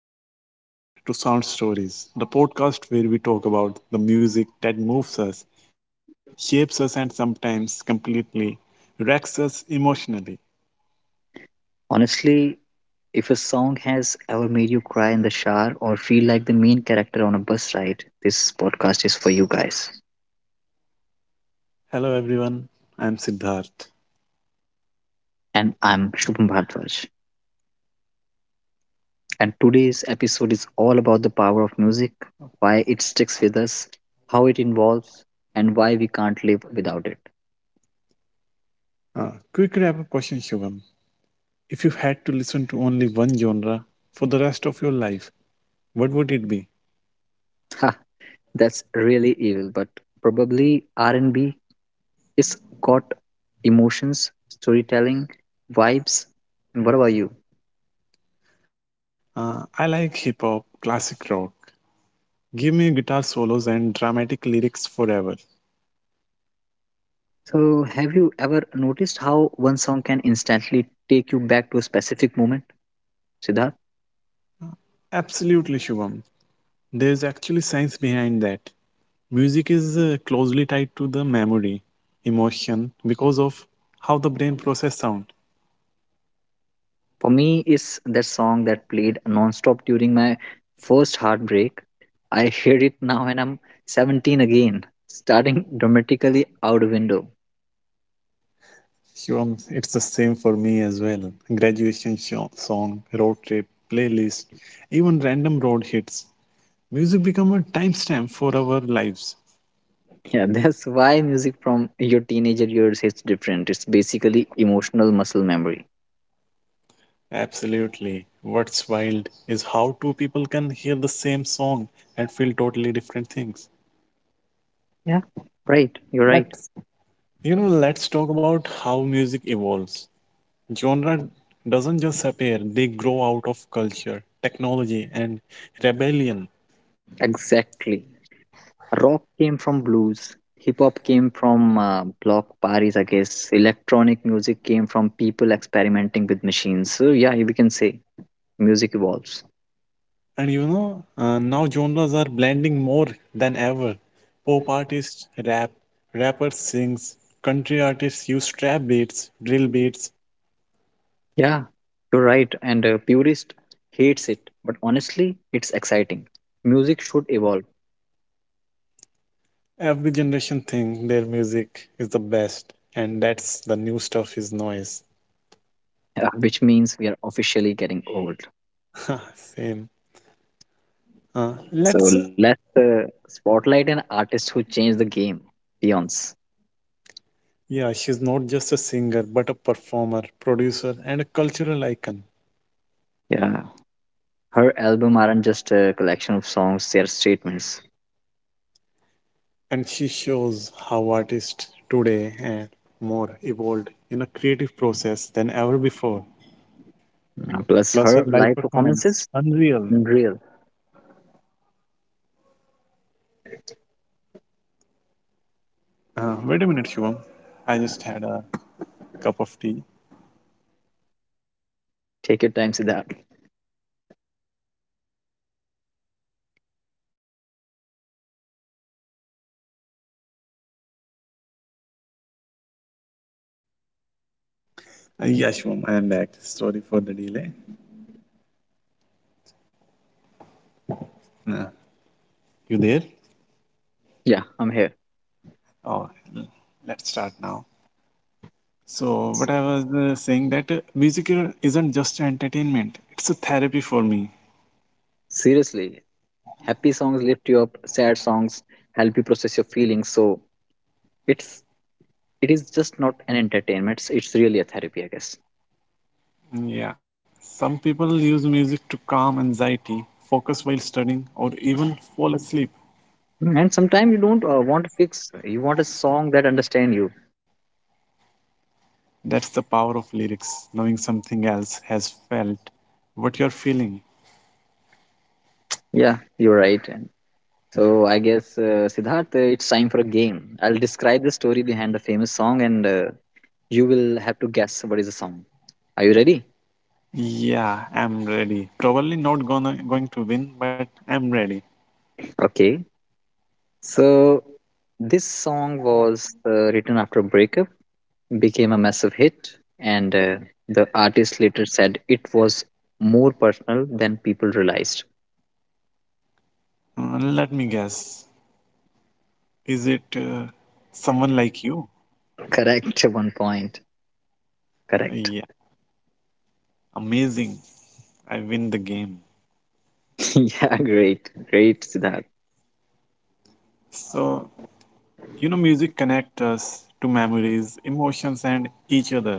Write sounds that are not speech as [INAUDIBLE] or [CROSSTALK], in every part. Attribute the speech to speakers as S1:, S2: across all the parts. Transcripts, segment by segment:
S1: everyone, and welcome to Sound Stories, the podcast where we talk about the music that moves us, shapes us, and sometimes completely wrecks us emotionally.
S2: Honestly, if a song has ever made you cry in the shower or feel like the main character on a bus ride, this podcast is for you guys.
S1: Hello, everyone. I'm Siddharth.
S2: And I'm Shubham Bhardwaj. And today's episode is all about the power of music, why it sticks with us, how it involves, and why we can't live without it.
S1: Quick wrap up question, Shubham. If you had to listen to only one genre for the rest of your life, what would it be?
S2: Ha, that's really evil, but probably R&B is got emotions, storytelling, vibes. And what about you?
S1: I like hip hop, classic rock. Give me guitar solos and dramatic lyrics forever.
S2: So, have you ever noticed how one song can instantly take you back to a specific moment, Siddharth?
S1: Absolutely, Shubham. There's actually science behind that. Music is closely tied to the memory, emotion, because of how the brain process sound.
S2: For me, it's that song that played non-stop during my first heartbreak. I [LAUGHS] hear it now and I'm 17 again, starting dramatically out of window.
S1: Shivam, it's the same for me as well. Graduation song, road trip, playlist, even random road hits. Music become a timestamp for our lives.
S2: Yeah, [LAUGHS] that's why music from your teenager years hits different. It's basically emotional muscle memory.
S1: Absolutely. What's wild is how two people can hear the same song and feel totally different things.
S2: Yeah, right. You're right.
S1: Let's let's talk about how music evolves. Genre doesn't just appear, they grow out of culture, technology, and rebellion.
S2: Exactly. Rock came from blues, hip hop came from block parties, I guess, electronic music came from people experimenting with machines. So yeah, we can say music evolves.
S1: Now genres are blending more than ever. Pop artists rap, rappers sings, country artists use trap beats, drill beats.
S2: Yeah, you're right. And a purist hates it, but honestly, it's exciting. Music should evolve.
S1: Every generation think their music is the best, and that's the new stuff is noise.
S2: [LAUGHS] Which means we are officially getting old.
S1: [LAUGHS] Same. Let's.
S2: So let's spotlight an artist who changed the game. Beyonce.
S1: Yeah, she's not just a singer, but a performer, producer, and a cultural icon.
S2: Yeah, her album aren't just a collection of songs, they are statements.
S1: And she shows how artists today are more evolved in a creative process than ever before.
S2: Plus,
S1: Plus, her
S2: her
S1: live
S2: live
S1: performance,
S2: performances,
S1: unreal.
S2: unreal.
S1: Wait a minute, Shivam. I just had a cup of tea.
S2: Take your time, Siddharth.
S1: Yeah, Shivam, I am back. Sorry for the delay. Uh, you there?
S2: Yeah, I'm here.
S1: Oh, l- let's start now. So, what I was saying that music isn't just entertainment; it's a therapy for me.
S2: Seriously, happy songs lift you up. Sad songs help you process your feelings. So it's it is just not an entertainment. It's really a therapy, I guess.
S1: Yeah, some people use music to calm anxiety, focus while studying, or even fall asleep.
S2: Mm, and sometimes you don't want to fix. You want a song that understand you.
S1: That's the power of lyrics, knowing something else has felt what you're feeling.
S2: Yeah, you're right. And so I guess, Siddharth, it's time for a game. I'll describe the story behind the famous song, and you will have to guess what is the song. Are you ready?
S1: Yeah, I'm ready. Probably not gonna going to win, but I'm ready.
S2: Okay. So, this song was written after a breakup, became a massive hit, and the artist later said it was more personal than people realized.
S1: Let me guess. Is it someone like you?
S2: Correct, [LAUGHS] one point. Correct.
S1: Yeah, amazing. I win the game.
S2: [LAUGHS] Yeah, great. Great, Siddharth.
S1: So, you know, music connects us to memories, emotions, and each other.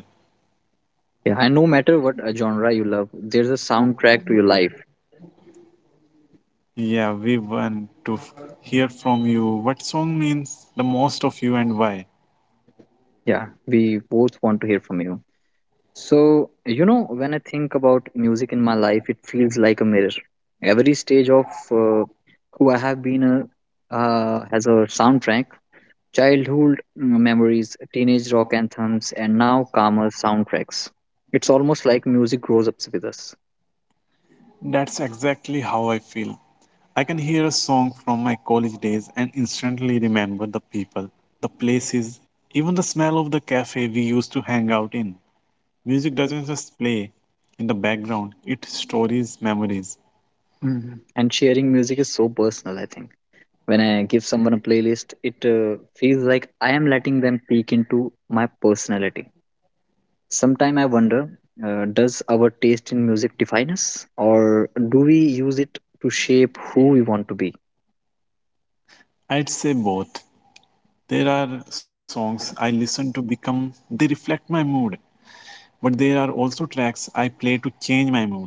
S2: Yeah, and no matter what genre you love, there's a soundtrack to your life.
S1: Yeah, we want to hear from you what song means the most of you and why.
S2: Yeah, we both want to hear from you. So, you know, when I think about music in my life, it feels like a mirror. Every stage of who I have been has a soundtrack. Childhood memories, teenage rock anthems, and now calmer soundtracks. It's almost like music grows up with us.
S1: That's exactly how I feel. I can hear a song from my college days and instantly remember the people, the places, even the smell of the cafe we used to hang out in. Music doesn't just play in the background, it stories memories.
S2: Mhm. And sharing music is so personal, I think. When I give someone a playlist, it feels like I am letting them peek into my personality. Sometime I wonder, does our taste in music define us, or do we use it to shape who we want to be?
S1: I'd say both. There are songs I listen to become, they reflect my mood, but there are also tracks I play to change my mood.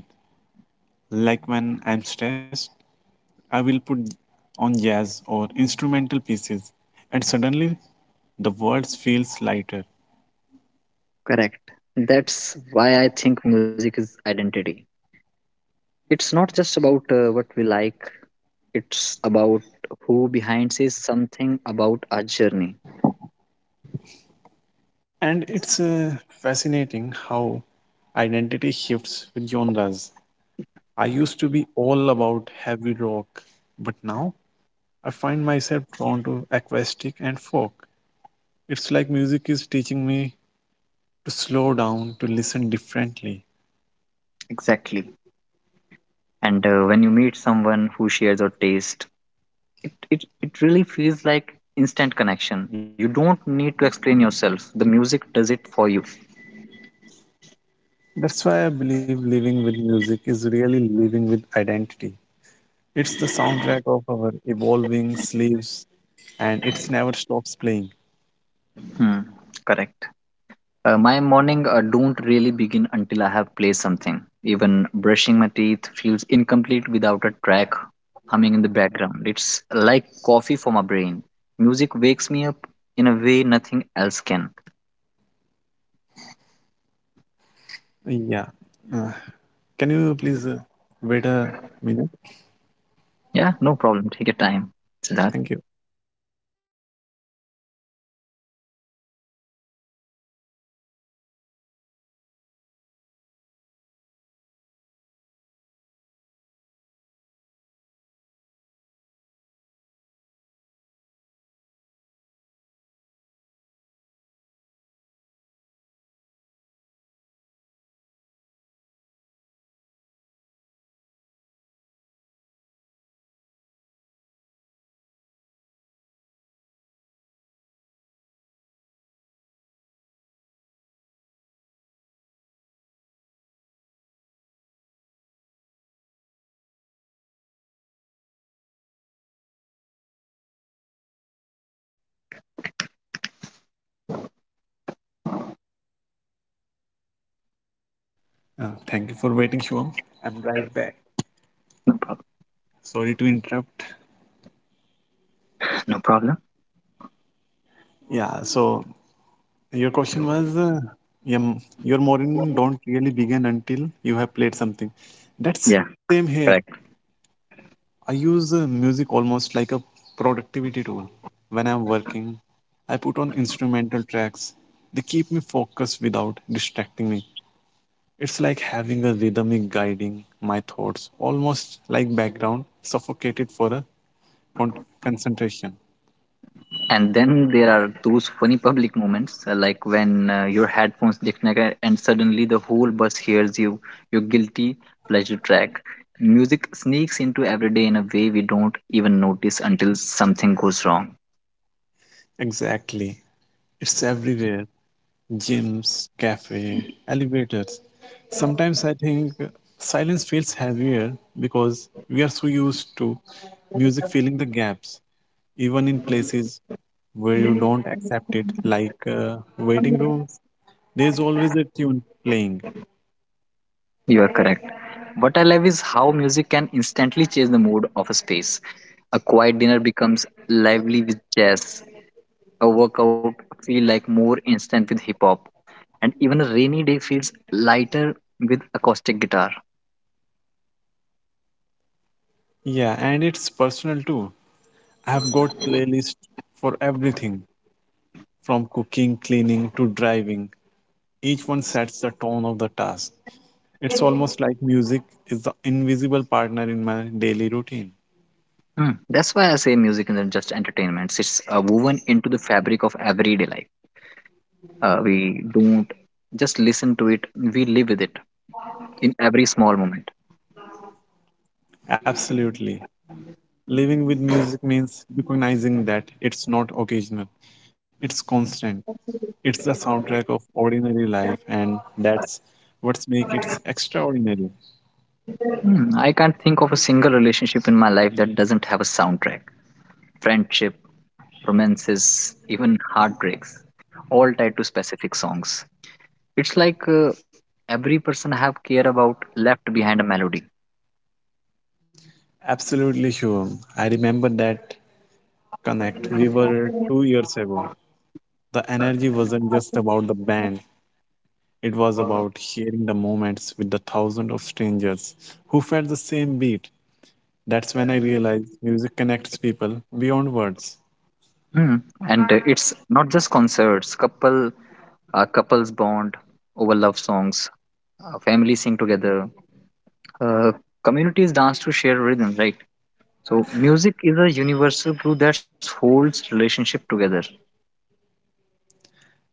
S1: Like when I'm stressed, I will put on jazz or instrumental pieces, and suddenly the world feels lighter.
S2: Correct. That's why I think music is identity. It's not just about what we like, it's about who behind says something about our journey.
S1: And it's fascinating how identity shifts with genres. I used to be all about heavy rock, but now I find myself drawn to acoustic and folk. It's like music is teaching me to slow down, to listen differently.
S2: Exactly. And when you meet someone who shares your taste, it really feels like instant connection. You don't need to explain yourself, the music does it for you.
S1: That's why I believe living with music is really living with identity. It's the soundtrack of our evolving sleeves and it's never stops playing.
S2: Hmm, correct. My morning don't really begin until I have played something. Even brushing my teeth feels incomplete without a track humming in the background. It's like coffee for my brain. Music wakes me up in a way nothing else can.
S1: Yeah. Uh, can you please wait a minute?
S2: Yeah, no problem. Take your time. Siddharth,
S1: Thank you. Thank you for waiting, Shivam. I'm right back. Sorry to interrupt.
S2: no problem.
S1: Yeah, so your question was your morning don't really begin until you have played something. That's same
S2: Yeah,
S1: here.
S2: correct.
S1: I use music almost like a productivity tool. When I'm working, I put on instrumental tracks. They keep me focused without distracting me. It's like having a rhythmic guiding my thoughts, almost like background suffocated for a con- concentration.
S2: And then there are those funny public moments, like when your headphones disconnect and suddenly the whole bus hears you, your guilty pleasure track. Music sneaks into every day in a way we don't even notice until something goes wrong.
S1: Exactly. It's everywhere. Gyms, cafe, elevators. Sometimes I think silence feels heavier because we are so used to music filling the gaps. Even in places where you don't accept it, like waiting rooms. There's always a tune playing.
S2: You are correct. What I love is how music can instantly change the mood of a space. A quiet dinner becomes lively with jazz. A workout feel like more instant with hip hop. And even a rainy day feels lighter with acoustic guitar.
S1: Yeah, and it's personal too. I've got playlists for everything from cooking, cleaning to driving. Each one sets the tone of the task. It's almost like music is the invisible partner in my daily routine.
S2: Mm. That's why I say music isn't just entertainment. It's woven into the fabric of everyday life. We don't just listen to it, we live with it in every small moment.
S1: Absolutely. Living with music means recognizing that it's not occasional, it's constant. It's the soundtrack of ordinary life, and that's what's make it extraordinary.
S2: Mm. I can't think of a single relationship in my life that doesn't have a soundtrack. Friendship, romances, even heartbreaks, all tied to specific songs. It's like every person I have care about left behind a melody.
S1: Absolutely, Shivam. I remember that connect. We were 2 years ago. The energy wasn't just about the band. It was about sharing the moments with the thousands of strangers who felt the same beat. That's when I realized music connects people beyond words.
S2: Mm. And it's not just concerts. Couples bond over love songs. Families sing together. Uh, Communities dance to share rhythm. Right. So music is a universal glue that holds relationship together.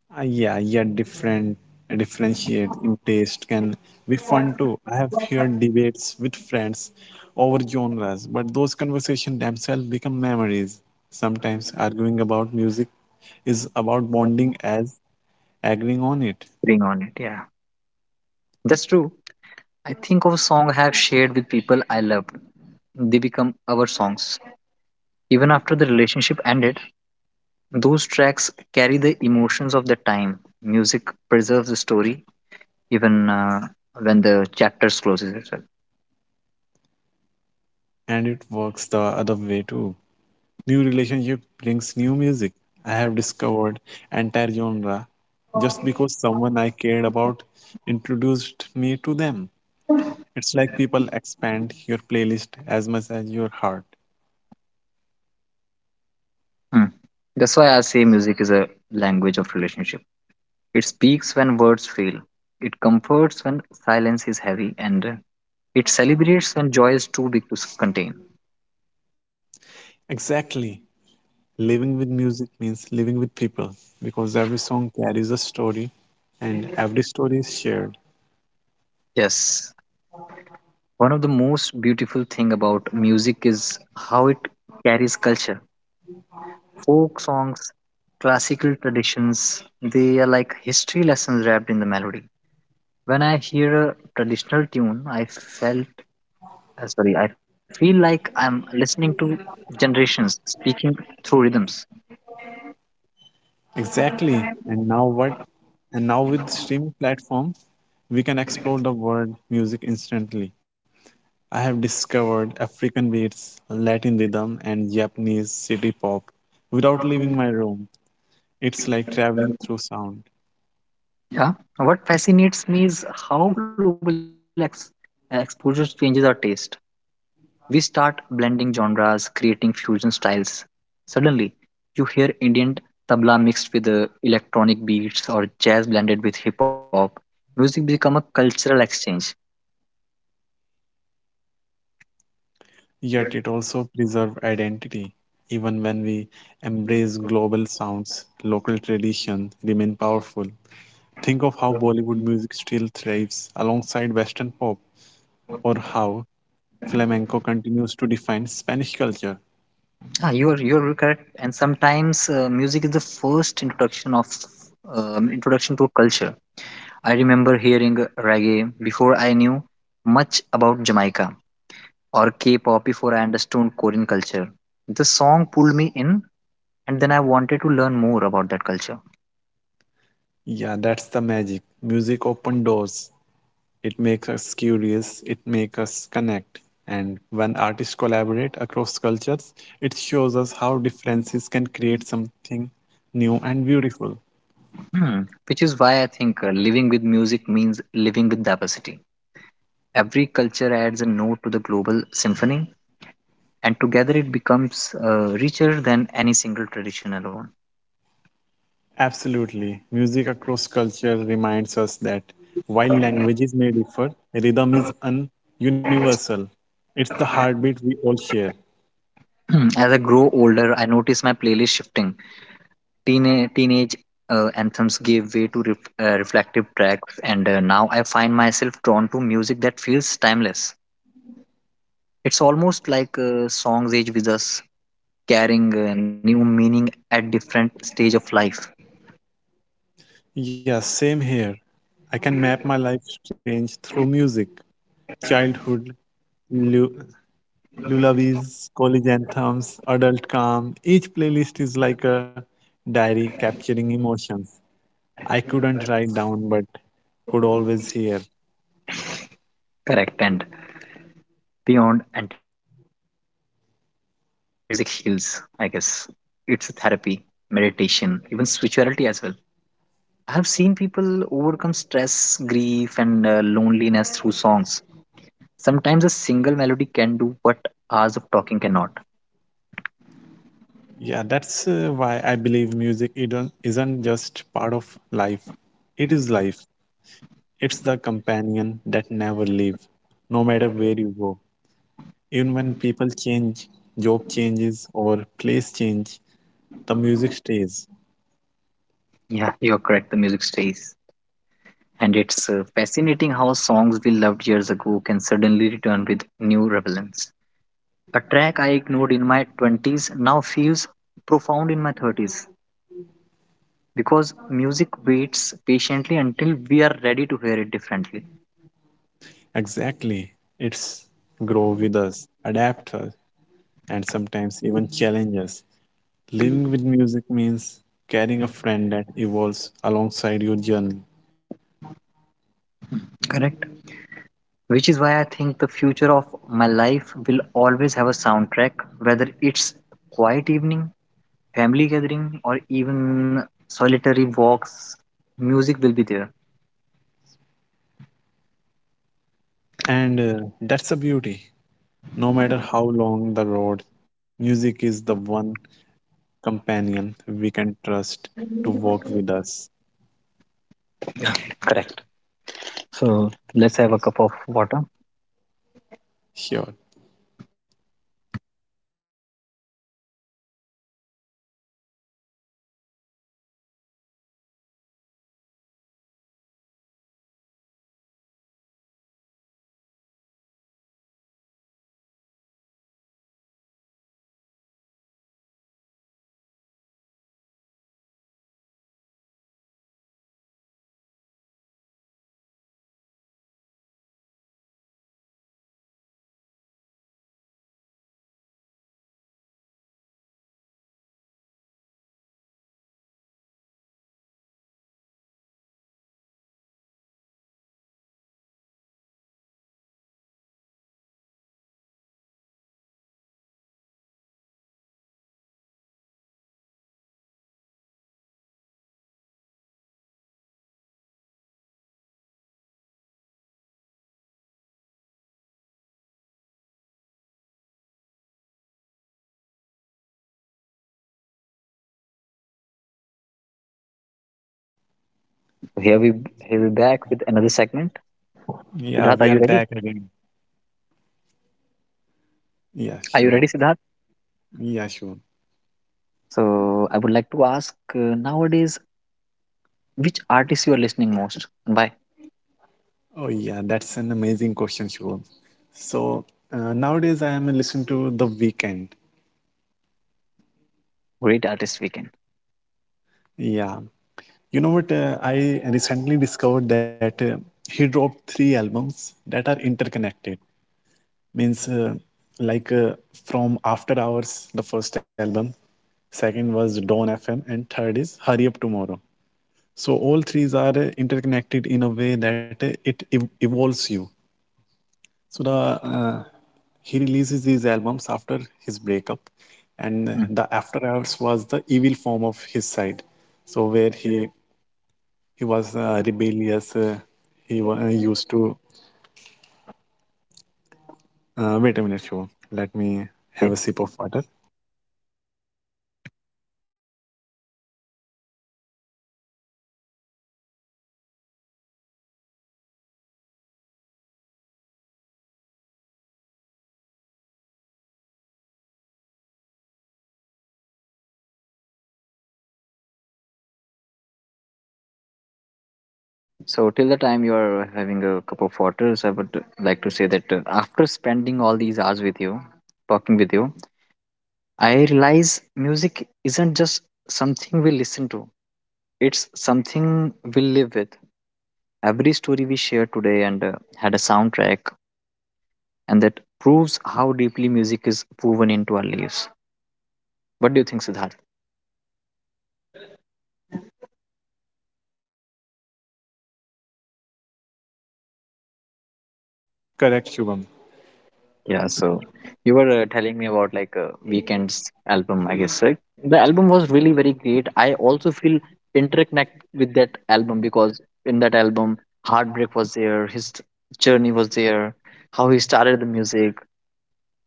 S1: Uh, yeah, yeah, different Differentiate in taste can be fun too. I have heard debates with friends over genres, but those conversations themselves become memories. Sometimes arguing about music is about bonding as agreeing on it,
S2: Bring on it. Yeah, that's true. I think of a song I have shared with people I loved. They become our songs. Even after the relationship ended, those tracks carry the emotions of the time. Music preserves the story even when the chapters closes itself.
S1: and it works the other way too. New relationship brings new music. I have discovered entire genre just because someone I cared about introduced me to them. It's like people expand your playlist as much as your heart.
S2: Hmm. That's why I say music is a language of relationship. It speaks when words fail. It comforts when silence is heavy, and it celebrates when joy is too big to contain.
S1: Exactly. Living with music means living with people because every song carries a story and every story is shared.
S2: Yes, one of the most beautiful thing about music is how it carries culture. Folk songs, classical traditions, they are like history lessons wrapped in the melody. When I hear a traditional tune, I feel like I'm listening to generations speaking through rhythms.
S1: Exactly. And now what? And now with streaming platforms, we can explore the world music instantly. I have discovered African beats, Latin rhythm, and Japanese city pop without leaving my room. It's like traveling through sound.
S2: Yeah. What fascinates me is how global exposure changes our taste. We start blending genres, creating fusion styles. Suddenly, you hear Indian tabla mixed with electronic beats or jazz blended with hip hop. Music become a cultural exchange.
S1: Yet it also preserves identity. Even when we embrace global sounds, local tradition remain powerful. Think of how Bollywood music still thrives alongside Western pop, or how flamenco continues to define Spanish culture.
S2: Ah, you are correct. And sometimes music is the first introduction to a culture. I remember hearing reggae before I knew much about Jamaica, or K pop before I understood Korean culture. The song pulled me in, and then I wanted to learn more about that culture.
S1: Yeah, that's the magic. Music opens doors. It makes us curious. It makes us connect. And when artists collaborate across cultures, it shows us how differences can create something new and beautiful.
S2: Hmm. Which is why I think living with music means living with diversity. Every culture adds a note to the global symphony, and together it becomes richer than any single tradition alone.
S1: Absolutely. Music across culture reminds us that while languages may differ, rhythm is universal. It's the heartbeat we all share.
S2: Hmm. As I grow older, I notice my playlist shifting. Teenage anthems gave way to reflective tracks, and now I find myself drawn to music that feels timeless. It's almost like songs age with us, carrying new meaning at different stage of life.
S1: Yeah, same here. I can map my life change through music. Childhood, lu- lullabies, college anthems, adult calm. Each playlist is like a diary capturing emotions. I couldn't write down, but could always hear.
S2: Correct, and beyond entertainment, music heals. I guess it's therapy, meditation, even spirituality as well. I have seen people overcome stress, grief, and loneliness through songs. Sometimes a single melody can do what hours of talking cannot.
S1: Yeah, that's why I believe music isn't just part of life. It is life. It's the companion that never leaves, no matter where you go. Even when people change, job changes, or place change, the music stays.
S2: Yeah, you're correct, the music stays. And it's fascinating how songs we loved years ago can suddenly return with new relevance. A track I ignored in my 20s now feels profound in my 30s because music waits patiently until we are ready to hear it differently.
S1: Exactly. It's grow with us, adapt us, and sometimes even challenge us. Living with music means carrying a friend that evolves alongside your journey.
S2: Correct. Which is why I think the future of my life will always have a soundtrack, whether it's quiet evening, family gathering, or even solitary walks, music will be there.
S1: And that's the beauty. No matter how long the road, music is the one companion we can trust to walk with us.
S2: Correct. So let's have a cup of water.
S1: Sure.
S2: So here we back with another segment.
S1: Yeah, we
S2: Siddharth, are
S1: are
S2: you ready?
S1: back again. Yeah,
S2: Are you
S1: sure.
S2: ready, Siddharth?
S1: Yeah, sure.
S2: So I would like to ask, nowadays which artist you are listening most and why?
S1: Oh, yeah, that's an amazing question, Shubham. So nowadays I am listening to The Weeknd.
S2: Great artist weekend.
S1: Yeah, you know what? I recently discovered that he dropped three albums that are interconnected. Means like uh, from After Hours, the first album, second was Dawn FM, and third is Hurry Up Tomorrow. So all threes are interconnected in a way that it evolves you. So the he releases these albums after his breakup, and
S2: Hmm.
S1: the After Hours was the evil form of his side. So where he was rebellious, used to wait a minute, Shubham. Let me have a
S2: Okay.
S1: sip of water.
S2: So till the time you are having a cup of water, so I would like to say that after spending all these hours with you, talking with you, I realize music isn't just something we listen to, it's something we live with. Every story we shared today and had a soundtrack, and that proves how deeply music is woven into our lives. What do you think, Siddharth?
S1: Correct, Shubham.
S2: Yeah, so you were telling me about like Weekend's album, I guess. Right? The album was really very great. I also feel interconnect with that album because in that album, heartbreak was there, his journey was there, how he started the music,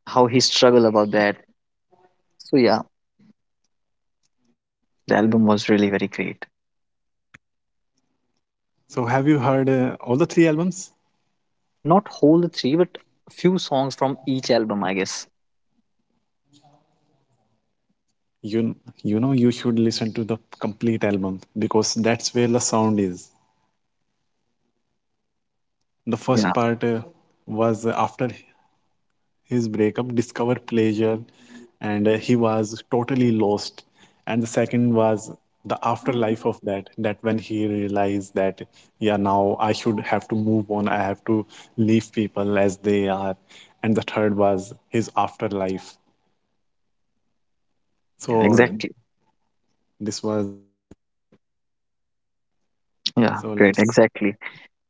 S2: how he struggled about that. So yeah, the album was really very great.
S1: So have you heard all the three albums?
S2: No, not whole the three, but a few songs from each album, I guess.
S1: You you know you should listen to the complete album because that's where the sound is. The first
S2: Yeah,
S1: part was after his breakup, discover pleasure, and he was totally lost. And the second was the afterlife of that. That when he realized that yeah, now I should have to move on. I have to leave people as they are. And the third was his afterlife.
S2: yeah,
S1: So
S2: exactly.
S1: this was so
S2: Yeah, great,
S1: let's
S2: exactly.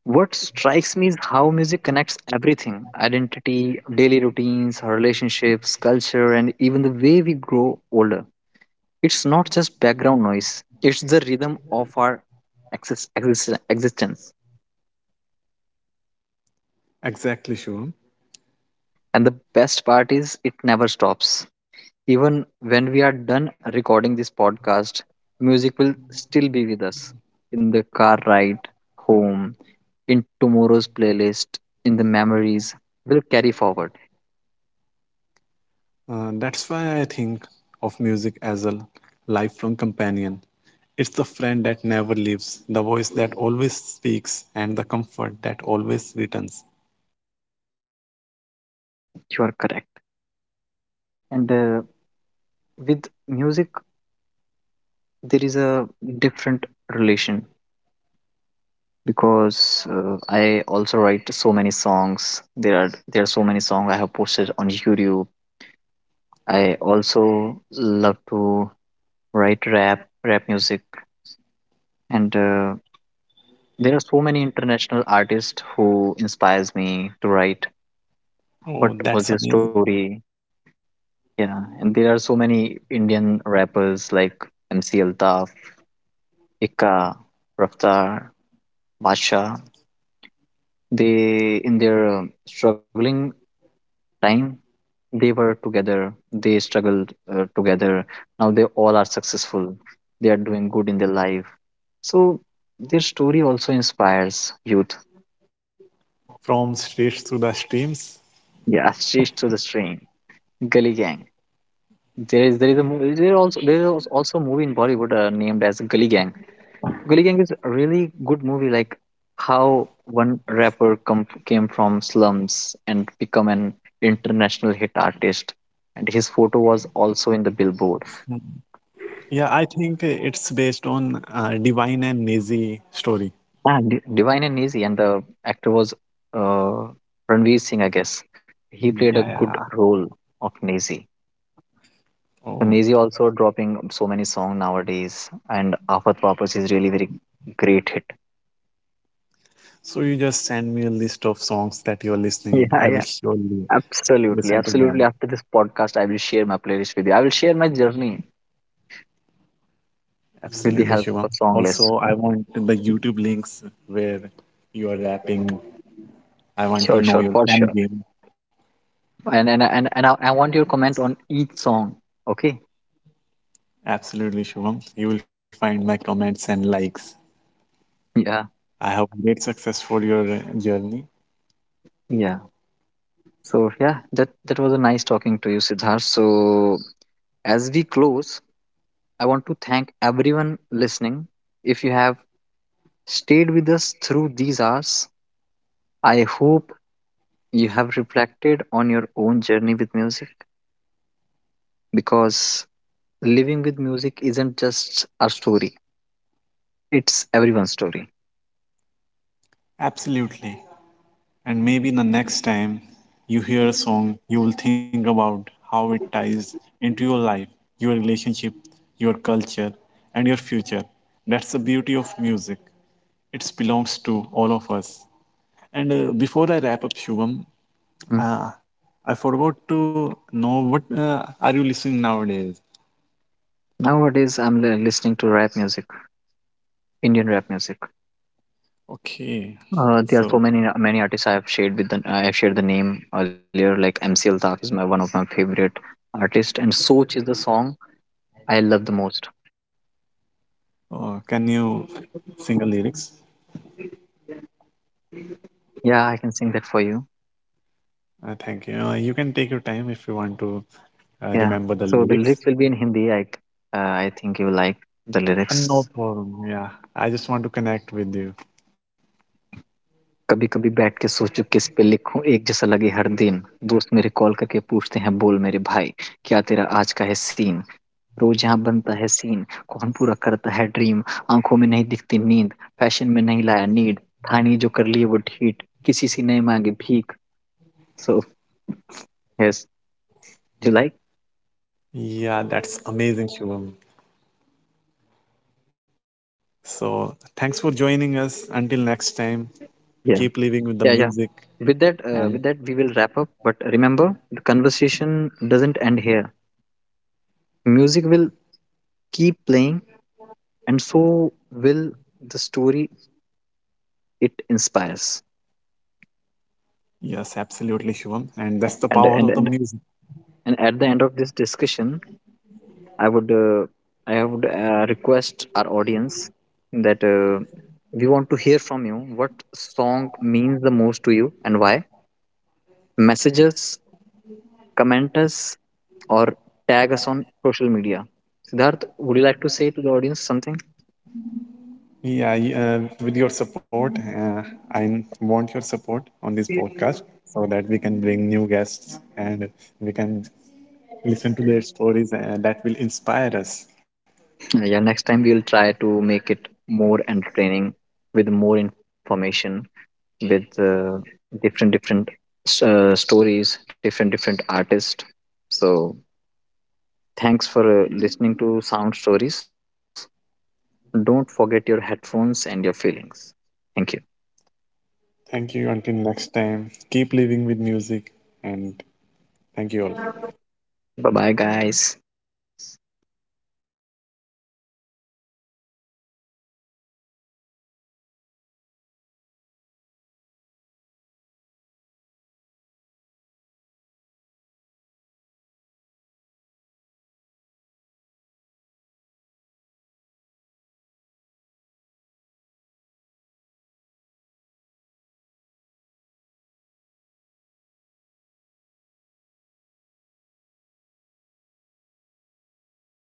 S2: What strikes me is how music connects everything: identity, daily routines, our relationships, culture, and even the way we grow older. It's not just background noise, it's the rhythm of our existence.
S1: exactly sure.
S2: And the best part is, it never stops. Even when we are done recording this podcast, music will still be with us in the car ride, home, in tomorrow's playlist, in the memories will carry forward.
S1: That's why I think of music as a lifelong companion. It's the friend that never leaves, the voice that always speaks, and the comfort that always returns.
S2: You are correct. And with music, there is a different relation because I also write so many songs. There are so many songs I have posted on YouTube. I also love to write rap music, and there are so many international artists who inspires me to write.
S1: Oh,
S2: What
S1: that's
S2: was your
S1: amazing.
S2: story? Yeah, and there are so many Indian rappers like MC Altaf, Ikka, Raftar, Basha. They in their struggling time, they were together. They struggled together. Now they all are successful. They are doing good in their life. So their story also inspires youth.
S1: From streets to the streams.
S2: Yeah, [LAUGHS] she's to the stream. Gully Gang. There is a movie. There also there is also a movie in Bollywood named as Gully Gang. Gully Gang is a really good movie. Like how one rapper come came from slums and become an international hit artist, and his photo was also in the billboard.
S1: Yeah, I think it's based on Divine and Nazi story.
S2: Ah, Divine and Easy, and the actor was uh, Ranveer Singh, I guess. He
S1: Yeah,
S2: played a
S1: yeah.
S2: good role of Nazi.
S1: Oh.
S2: So Nazi also dropping so many songs nowadays, and Afat Wapas is really very great hit.
S1: So you just send me a list of songs that you're listening. I
S2: Yeah,
S1: will
S2: yeah.
S1: surely listen
S2: Absolutely,
S1: to them.
S2: absolutely. After this podcast, I will share my playlist with you. I will share my journey with the
S1: Absolutely,
S2: help of
S1: Shivam.
S2: song lists.
S1: Also, I want the YouTube links where you are rapping. I want to
S2: Sure,
S1: know
S2: sure,
S1: your
S2: for
S1: fan
S2: sure.
S1: game.
S2: And I want your comment on each song. Okay.
S1: Absolutely, Shivam. You will find my comments and likes.
S2: Yeah,
S1: I hope great success for your journey.
S2: yeah. So yeah, that was a nice talking to you, Siddharth. So as we close, I want to thank everyone listening. If you have stayed with us through these hours, I hope you have reflected on your own journey with music, because living with music isn't just our story, it's everyone's story.
S1: Absolutely. And maybe the next time you hear a song, you will think about how it ties into your life, your relationship, your culture, and your future. That's the beauty of music. It belongs to all of us. And before I wrap up, Shubham,
S2: Hmm.
S1: ah, I forgot to know what are you listening nowadays.
S2: Nowadays I'm listening to rap music, Indian rap music.
S1: Okay,
S2: There are
S1: so
S2: so many many artists. I have shared the name earlier, like MC Altaf is my one of my favorite artists, and Soch is the song I love the most.
S1: can you sing the lyrics?
S2: Yeah, I can sing that for you.
S1: Thank you. You can take your time if you want to
S2: Yeah,
S1: remember
S2: so
S1: the
S2: the lyrics
S1: lyrics.
S2: will be in Hindi. I think you like the lyrics.
S1: And no problem. Yeah, I just want to connect with you.
S2: कभी-कभी बैठ के सोचूं किस पे लिखूं एक जैसा लगे हर दिन, दोस्त मेरे कॉल करके पूछते हैं बोल मेरे भाई क्या तेरा आज का है सीन, रोज यहाँ बनता है सीन कौन पूरा करता है ड्रीम, आंखों में नहीं दिखती नींद, फैशन में नहीं लाया नीड, था नहीं जो कर लिए वो ठीक किसी से नहीं मांगी भीख. So yes you like.
S1: Yeah, that's amazing, Shivam. So thanks for joining us. Until next time, keep living with
S2: Yeah.
S1: the music.
S2: Yeah. With
S1: And
S2: that with that we will wrap up, but remember, the conversation doesn't end here. Music will keep playing, and so will the story it inspires.
S1: yes, absolutely, Shivam. And that's the
S2: and
S1: power of the
S2: and and,
S1: music.
S2: and at the end of this discussion, i would uh, I would request our audience that we want to hear from you what song means the most to you and why. Message us, comment us, or tag us on social media. Siddharth, would you like to say to the audience something?
S1: With your support, I want your support on this podcast so that we can bring new guests and we can listen to their stories and that will inspire us.
S2: Yeah, next time we will try to make it more entertaining, with more information, with different different stories, different different artists. So thanks for listening to Sound Stories. Don't forget your headphones and your feelings. Thank you.
S1: Thank you. Until next time, keep living with music and thank you all.
S2: Bye bye, guys.